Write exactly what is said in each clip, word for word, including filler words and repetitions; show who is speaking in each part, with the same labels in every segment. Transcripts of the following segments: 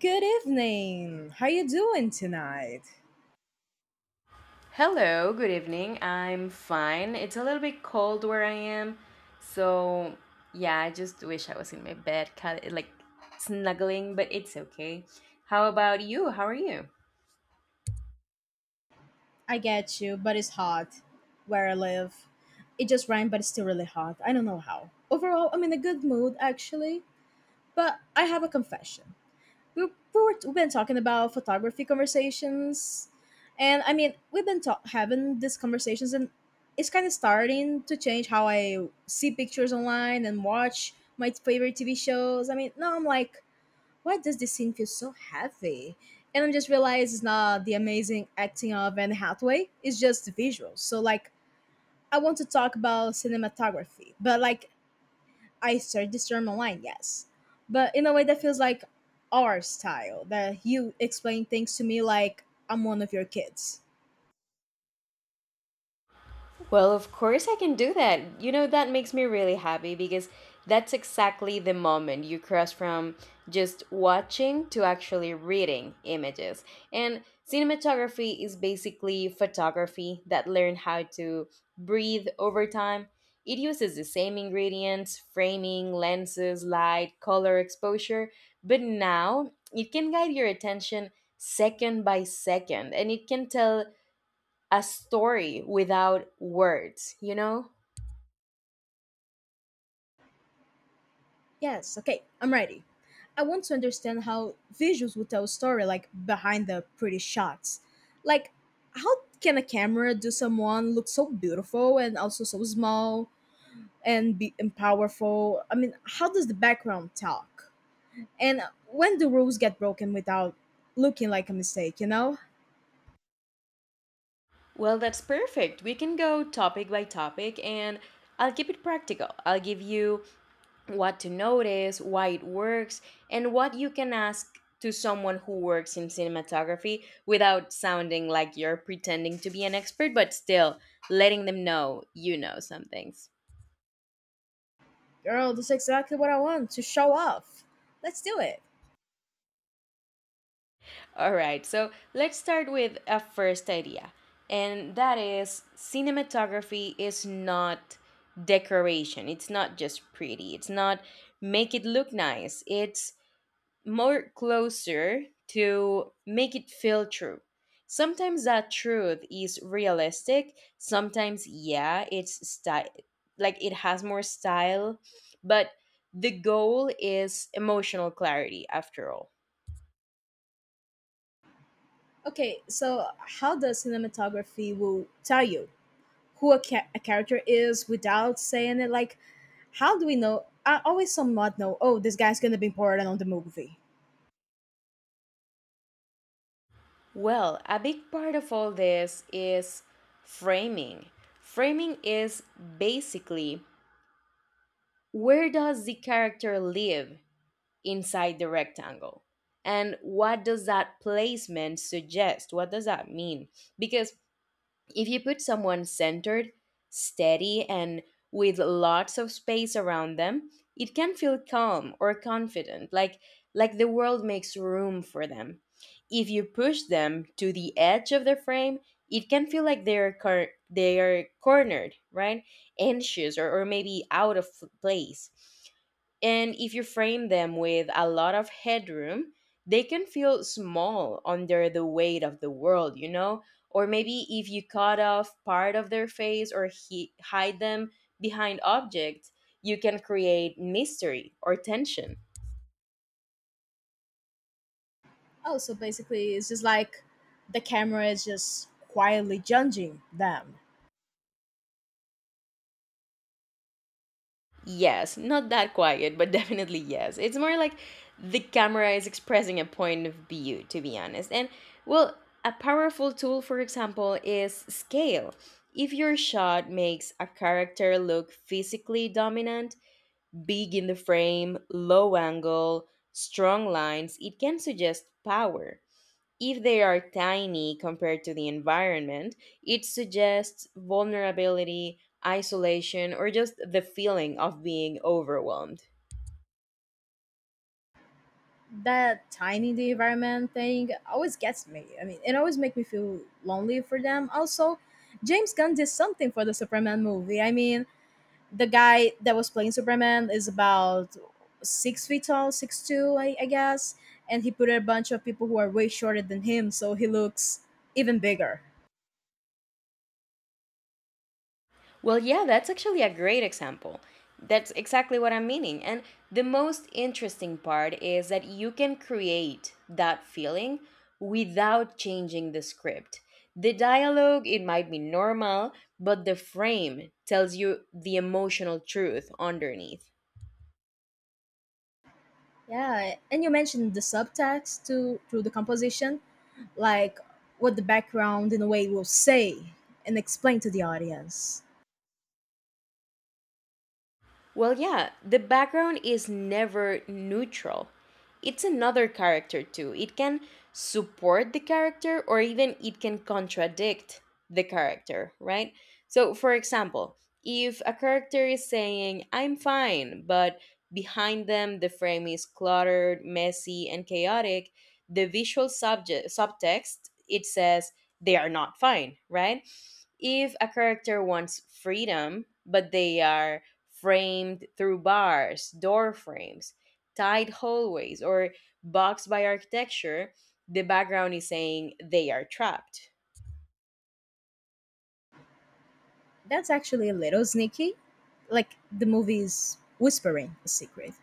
Speaker 1: Good evening. How you doing tonight?
Speaker 2: Hello, good evening. I'm fine. It's a little bit cold where I am. So, yeah, I just wish I was in my bed, kind like snuggling, but it's okay. How about you? How are you?
Speaker 1: I get you, but it's hot where I live. It just rained, but it's still really hot. I don't know how. Overall, I'm in a good mood actually, but I have a confession. We we were, we've been talking about photography conversations, and I mean, we've been ta- having these conversations, and it's kind of starting to change how I see pictures online and watch my favorite T V shows. I mean, now I'm like, why does this scene feel so heavy? And I just realized it's not the amazing acting of Anne Hathaway, it's just the visuals. So, like, I want to talk about cinematography, but like, I searched this term online, yes. But in a way that feels like our style, that you explain things to me like I'm one of your kids.
Speaker 2: Well, of course I can do that. You know, that makes me really happy because that's exactly the moment you cross from just watching to actually reading images. And cinematography is basically photography that learned how to breathe over time. It uses the same ingredients framing, lenses, light, color, exposure, but now it can guide your attention second by second and it can tell a story without words, you know?
Speaker 1: Yes, okay, I'm ready. I want to understand how visuals would tell a story, like behind the pretty shots. Like, how can a camera do someone look so beautiful and also so small and be and powerful? I mean, how does the background talk? And when do rules get broken without looking like a mistake? You know,
Speaker 2: Well, that's perfect. We can go topic by topic and I'll keep it practical. I'll give you what to notice, why it works, and what you can ask to someone who works in cinematography without sounding like you're pretending to be an expert, but still letting them know you know some things.
Speaker 1: girl, that's exactly what I want to show off. Let's do it.
Speaker 2: All right, so let's start with a first idea, and that is cinematography is not decoration. It's not just pretty, it's not make it look nice, it's more closer to make it feel true. Sometimes that truth is realistic, sometimes, yeah, it's style, like it has more style, but the goal is emotional clarity after all.
Speaker 1: Okay, so how does cinematography will tell you who a, ca- a character is without saying it. Like, how do we know? I always somewhat know. Oh, this guy's gonna be important on the movie.
Speaker 2: Well, a big part of all this is framing. Framing is basically where does the character live inside the rectangle? And what does that placement suggest? What does that mean? Because if you put someone centered, steady, and with lots of space around them, it can feel calm or confident, like like the world makes room for them. If you push them to the edge of the frame, it can feel like they're cor- they are cornered, right? Anxious or, or maybe out of place. And if you frame them with a lot of headroom, they can feel small under the weight of the world, you know? Or maybe if you cut off part of their face or he- hide them behind objects, you can create mystery or tension.
Speaker 1: Oh, so basically, it's just like the camera is just quietly judging them.
Speaker 2: Yes, not that quiet, but definitely yes. It's more like the camera is expressing a point of view, to be honest. And, well, a powerful tool, for example, is scale. If your shot makes a character look physically dominant, big in the frame, low angle, strong lines, it can suggest power. If they are tiny compared to the environment, it suggests vulnerability, isolation, or just the feeling of being overwhelmed.
Speaker 1: That tiny the environment thing always gets me. I mean, it always makes me feel lonely for them. Also, James Gunn did something for the Superman movie. I mean, the guy that was playing Superman is about six feet tall, six two, I, I guess, and he put a bunch of people who are way shorter than him, so he looks even bigger.
Speaker 2: Well, yeah, that's actually a great example. That's exactly what I'm meaning. And the most interesting part is that you can create that feeling without changing the script. The dialogue, it might be normal, but the frame tells you the emotional truth underneath.
Speaker 1: Yeah, and you mentioned the subtext to to the composition, like what the background in a way will say and explain to the audience.
Speaker 2: Well, yeah, the background is never neutral. It's another character too. It can support the character or even it can contradict the character, right? So, for example, if a character is saying, "I'm fine," but behind them the frame is cluttered, messy, and chaotic, the visual subject, subtext, it says, they are not fine, right? If a character wants freedom, but they are framed through bars, door frames, tight hallways, or boxed by architecture, the background is saying they are trapped.
Speaker 1: That's actually a little sneaky, like the movie's whispering a secret.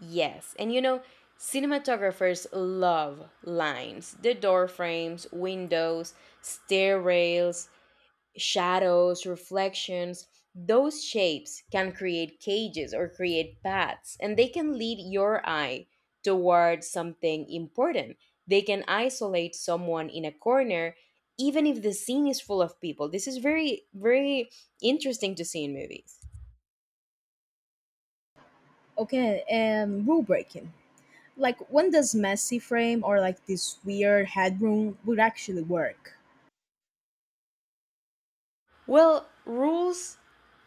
Speaker 2: Yes, and you know, cinematographers love lines the door frames, windows, stair rails, shadows, reflections, those shapes can create cages or create paths, and they can lead your eye towards something important. They can isolate someone in a corner, even if the scene is full of people. This is very, very interesting to see in movies.
Speaker 1: Okay, and rule breaking. Like, when does messy frame or like this weird headroom would actually work?
Speaker 2: Well, rules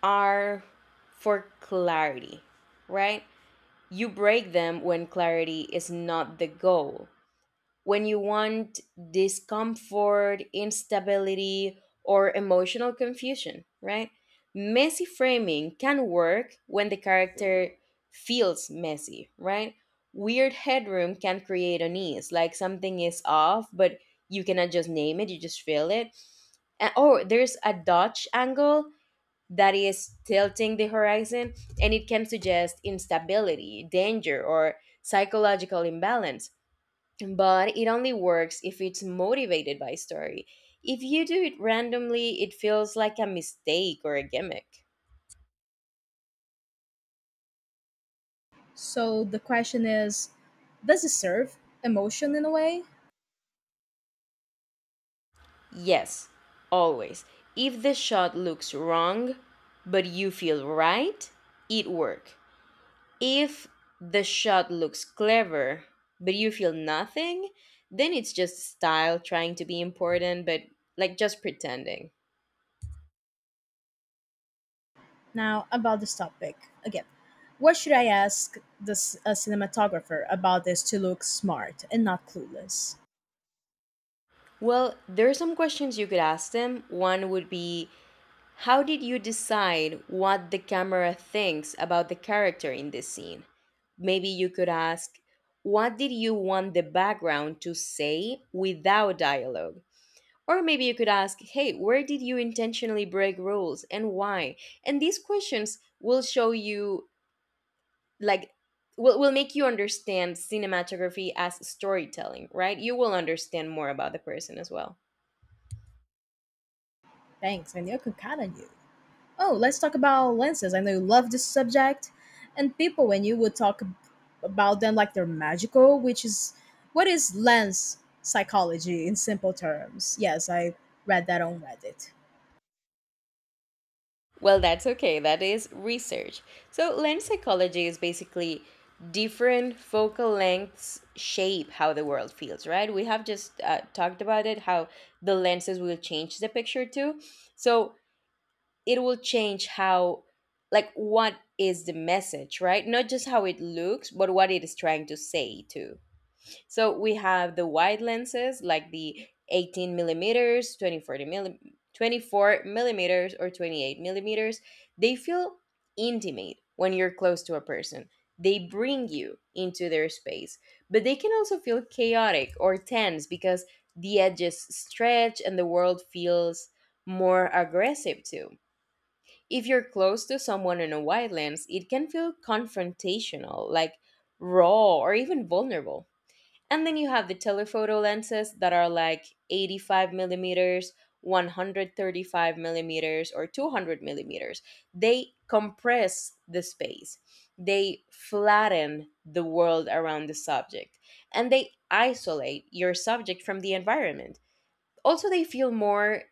Speaker 2: are for clarity, right? You break them when clarity is not the goal. When you want discomfort, instability, or emotional confusion, right? Messy framing can work when the character feels messy, right? Weird headroom can create unease, like something is off, but you cannot just name it, you just feel it. And, oh, there's a Dutch angle that is tilting the horizon, and it can suggest instability, danger, or psychological imbalance but it only works if it's motivated by story. If you do it randomly, it feels like a mistake or a gimmick.
Speaker 1: So the question is, does it serve emotion in a way?
Speaker 2: Yes, always. If the shot looks wrong, but you feel right, it work. If the shot looks clever, but you feel nothing, then it's just style trying to be important, but like just pretending.
Speaker 1: Now about this topic again. What should I ask this a cinematographer about this to look smart and not clueless?
Speaker 2: Well, there are some questions you could ask them. One would be how did you decide what the camera thinks about the character in this scene? Maybe you could ask, what did you want the background to say without dialogue? Or maybe you could ask, hey, where did you intentionally break rules and why? And these questions will show you, like, will, will make you understand cinematography as storytelling, right? You will understand more about the person as well.
Speaker 1: Thanks, and you can count on you. Oh, let's talk about lenses. I know you love this subject. And people, when you would talk ab- about them like they're magical, which is what is lens psychology in simple terms? Yes, I read that on Reddit.
Speaker 2: Well, that's okay. That is research. So, lens psychology is basically different focal lengths shape how the world feels, right? We have just uh, talked about it, how the lenses will change the picture too. So, it will change how, like, what is the message, right? Not just how it looks, but what it is trying to say too. So we have the wide lenses like the eighteen millimeters, twenty-four milli- twenty-four millimeters, or twenty-eight millimeters. They feel intimate when you're close to a person. They bring you into their space, but they can also feel chaotic or tense because the edges stretch and the world feels more aggressive too. If you're close to someone in a wide lens, it can feel confrontational, like raw or even vulnerable. And then you have the telephoto lenses that are like eighty-five millimeters, one hundred thirty-five millimeters, or two hundred millimeters. They compress the space, they flatten the world around the subject, and they isolate your subject from the environment. Also, they feel more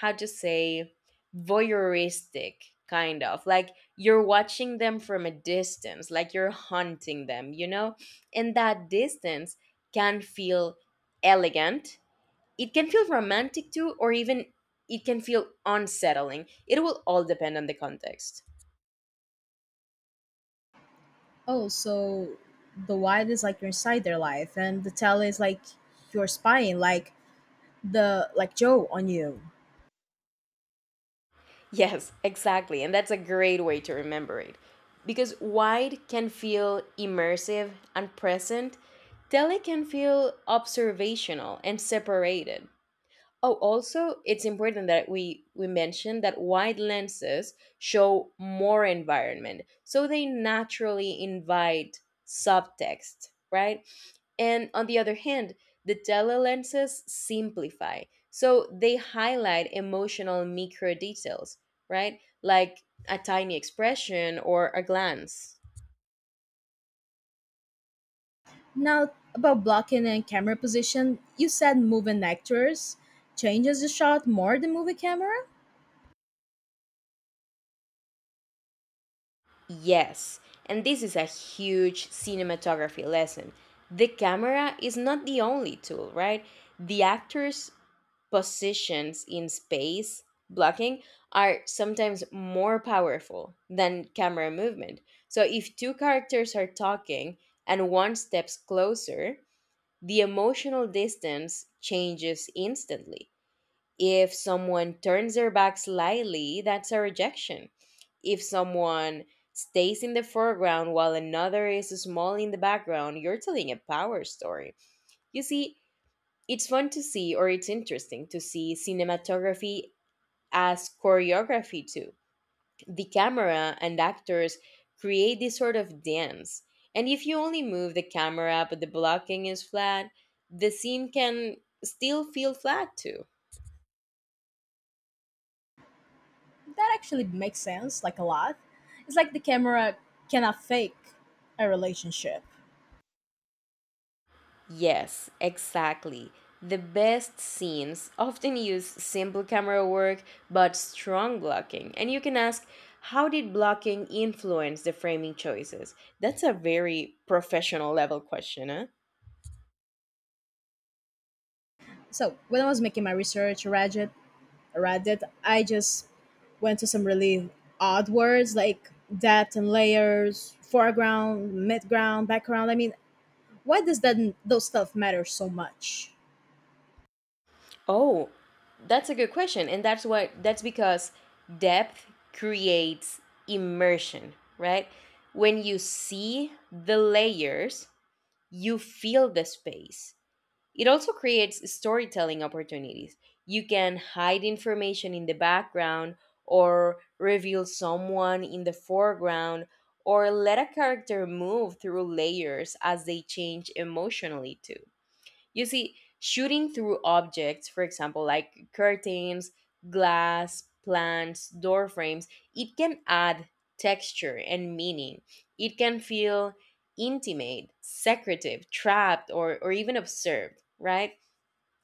Speaker 2: how to say voyeuristic kind of like you're watching them from a distance like you're hunting them you know and that distance can feel elegant it can feel romantic too or even it can feel unsettling it will all depend on the context.
Speaker 1: Oh, so the wide is like you're inside their life, and the tell is like you're spying, like the like Joe on you.
Speaker 2: Yes exactly and that's a great way to remember it because wide can feel immersive and present tele can feel observational and separated. Oh, also, it's important that we we mention that wide lenses show more environment, so they naturally invite subtext, right? And on the other hand, the telelenses simplify, so they highlight emotional micro details, right? Like a tiny expression or a glance.
Speaker 1: Now about blocking and camera position, you said moving actors changes the shot more than movie camera.
Speaker 2: Yes, and this is a huge cinematography lesson. The camera is not the only tool, right? The actor's positions in space blocking are sometimes more powerful than camera movement. So if two characters are talking and one steps closer, the emotional distance changes instantly. If someone turns their back slightly, that's a rejection. If someone stays in the foreground while another is small in the background, you're telling a power story. You see, it's fun to see, or it's interesting to see cinematography as choreography too. The camera and actors create this sort of dance. And if you only move the camera but the blocking is flat, the scene can still feel flat too.
Speaker 1: That actually makes sense, like a lot. It's like the camera cannot fake a relationship.
Speaker 2: Yes, exactly. The best scenes often use simple camera work but strong blocking. And you can ask, how did blocking influence the framing choices? That's a very professional level question, huh?
Speaker 1: So when I was making my research, Reddit, Reddit, I just went to some really odd words like depth and layers, foreground, midground, background. I mean, why does that those stuff matter so much?
Speaker 2: Oh, that's a good question. And that's why That's because depth creates immersion, right? When you see the layers, you feel the space. It also creates storytelling opportunities. You can hide information in the background, or reveal someone in the foreground, or let a character move through layers as they change emotionally, too. You see, shooting through objects, for example, like curtains, glass, plants, door frames, it can add texture and meaning. It can feel intimate, secretive, trapped, or, or even observed, right?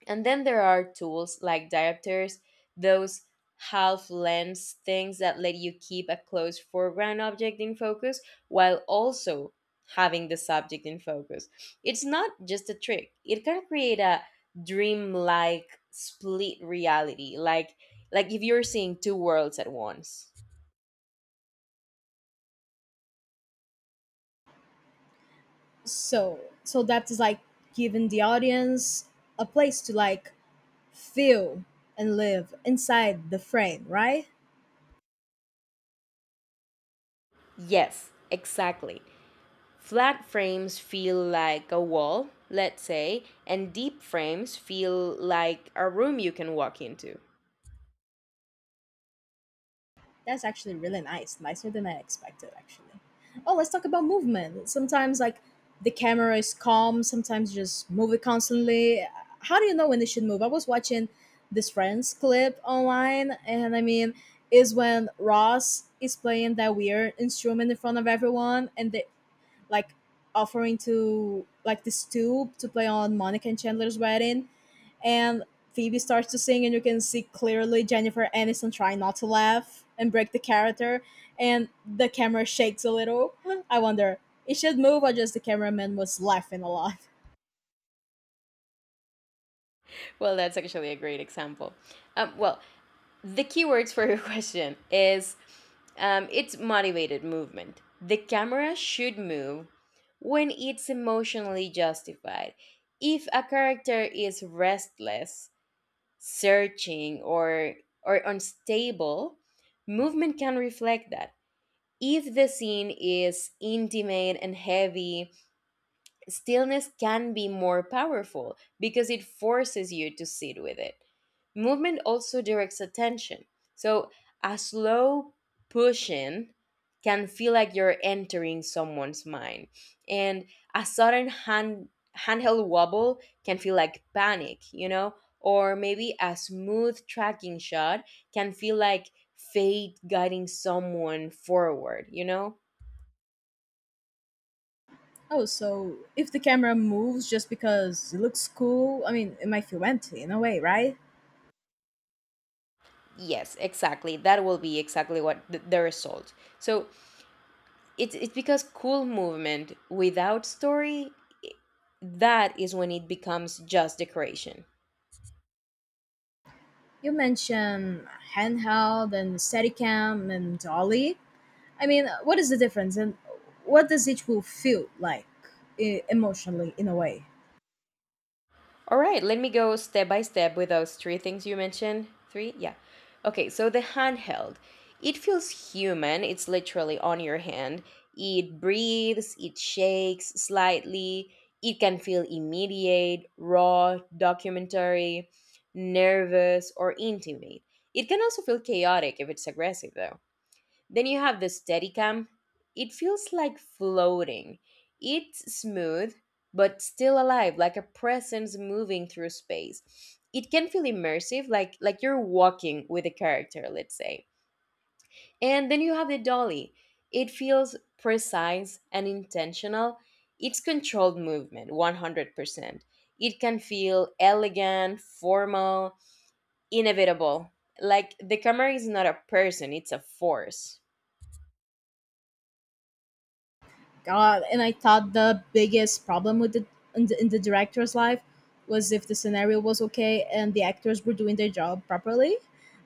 Speaker 2: And then there are tools like diopters, those half lens things that let you keep a close foreground object in focus while also having the subject in focus. It's not just a trick. It can create a dreamlike split reality, like like if you're seeing two worlds at once.
Speaker 1: So so depth is like giving the audience a place to like feel and live inside the frame, right?
Speaker 2: Yes, exactly. Flat frames feel like a wall, let's say, and deep frames feel like a room you can walk into.
Speaker 1: That's actually really nice, nicer than I expected, actually. Oh, let's talk about movement. Sometimes, like, the camera is calm, sometimes you just move it constantly. How do you know when it should move? I was watching this Friends clip online, and I mean, is when Ross is playing that weird instrument in front of everyone, and they like offering to like this stoop to play on Monica and Chandler's wedding, and Phoebe starts to sing, and you can see clearly Jennifer Aniston trying not to laugh and break the character, and the camera shakes a little. I wonder it should move or just the cameraman was laughing a lot.
Speaker 2: Well, that's actually a great example. Um, well, the keywords for your question is um, it's motivated movement. The camera should move when it's emotionally justified. If a character is restless, searching, or or unstable, movement can reflect that. If the scene is intimate and heavy, stillness can be more powerful because it forces you to sit with it. Movement also directs attention. So a slow push in can feel like you're entering someone's mind. And a sudden hand handheld wobble can feel like panic, you know? Or maybe a smooth tracking shot can feel like fate guiding someone forward, you know?
Speaker 1: Oh, so if the camera moves just because it looks cool, I mean, it might feel empty in a way, right?
Speaker 2: Yes, exactly. That will be exactly what the, the result. So it's it's because cool movement without story, i- that is when it becomes just decoration.
Speaker 1: You mentioned handheld and Steadicam and Dolly. I mean, what is the difference, and what does each will feel like e- emotionally, in a way?
Speaker 2: All right, let me go step by step with those three things you mentioned. Three? Yeah. Okay, so the handheld. It feels human, it's literally on your hand. It breathes, it shakes slightly, it can feel immediate, raw, documentary, nervous, or intimate. It can also feel chaotic if it's aggressive, though. Then you have the Steadicam. It feels like floating. It's smooth, but still alive, like a presence moving through space. It can feel immersive, like like you're walking with a character, let's say. And then you have the dolly. It feels precise and intentional. It's controlled movement, one hundred percent. It can feel elegant, formal, inevitable. Like the camera is not a person, it's a force.
Speaker 1: God, and I thought the biggest problem with the in, the in the director's life was if the scenario was okay and the actors were doing their job properly.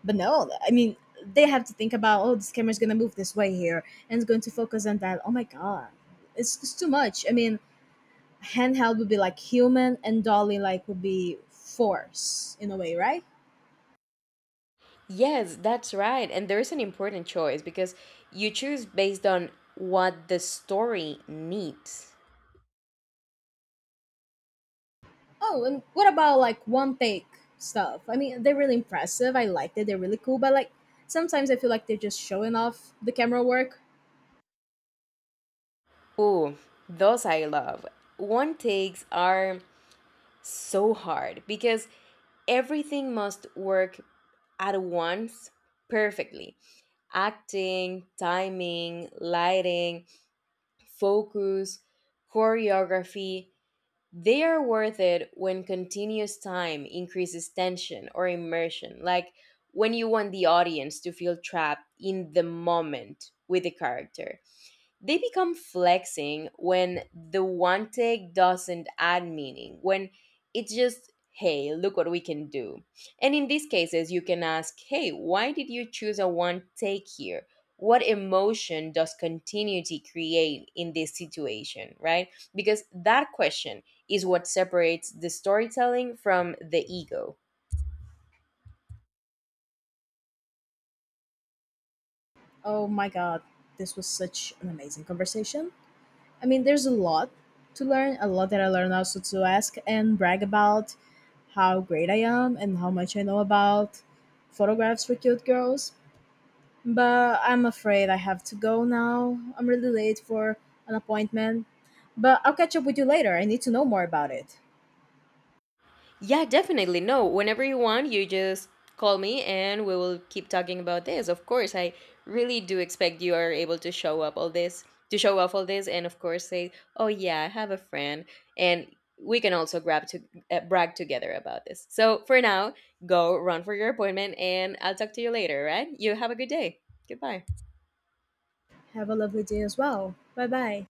Speaker 1: But no, I mean, they have to think about oh, this camera's gonna move this way here and it's going to focus on that. Oh my god, it's, it's too much. I mean, handheld would be like human, and dolly like would be force in a way, right?
Speaker 2: Yes, that's right. And there's an important choice because you choose based on what the story needs.
Speaker 1: Oh, and what about like one take stuff? I mean, they're really impressive. I liked it. They're really cool. But like sometimes I feel like they're just showing off the camera work.
Speaker 2: Ooh, those I love. One takes are so hard because everything must work at once perfectly acting, timing, lighting, focus, choreography. They are worth it when continuous time increases tension or immersion, like when you want the audience to feel trapped in the moment with the character. They become flexing when the one take doesn't add meaning, when it's just, hey, look what we can do. And in these cases, you can ask, hey, why did you choose a one take here? What emotion does continuity create in this situation, right? Because that question is what separates the storytelling from the ego.
Speaker 1: Oh my god, this was such an amazing conversation. I mean, there's a lot to learn, a lot that I learned also to ask and brag about how great I am and how much I know about photographs for cute girls. But I'm afraid I have to go now. I'm really late for an appointment. But I'll catch up with you later. I need to know more about it.
Speaker 2: Yeah, definitely. No, whenever you want, you just call me and we will keep talking about this. Of course, I really do expect you are able to show up all this, to show off all this, and of course say, "Oh yeah, I have a friend," and we can also grab to uh, brag together about this. So for now, go run for your appointment, and I'll talk to you later. Right? You have a good day. Goodbye.
Speaker 1: Have a lovely day as well. Bye bye.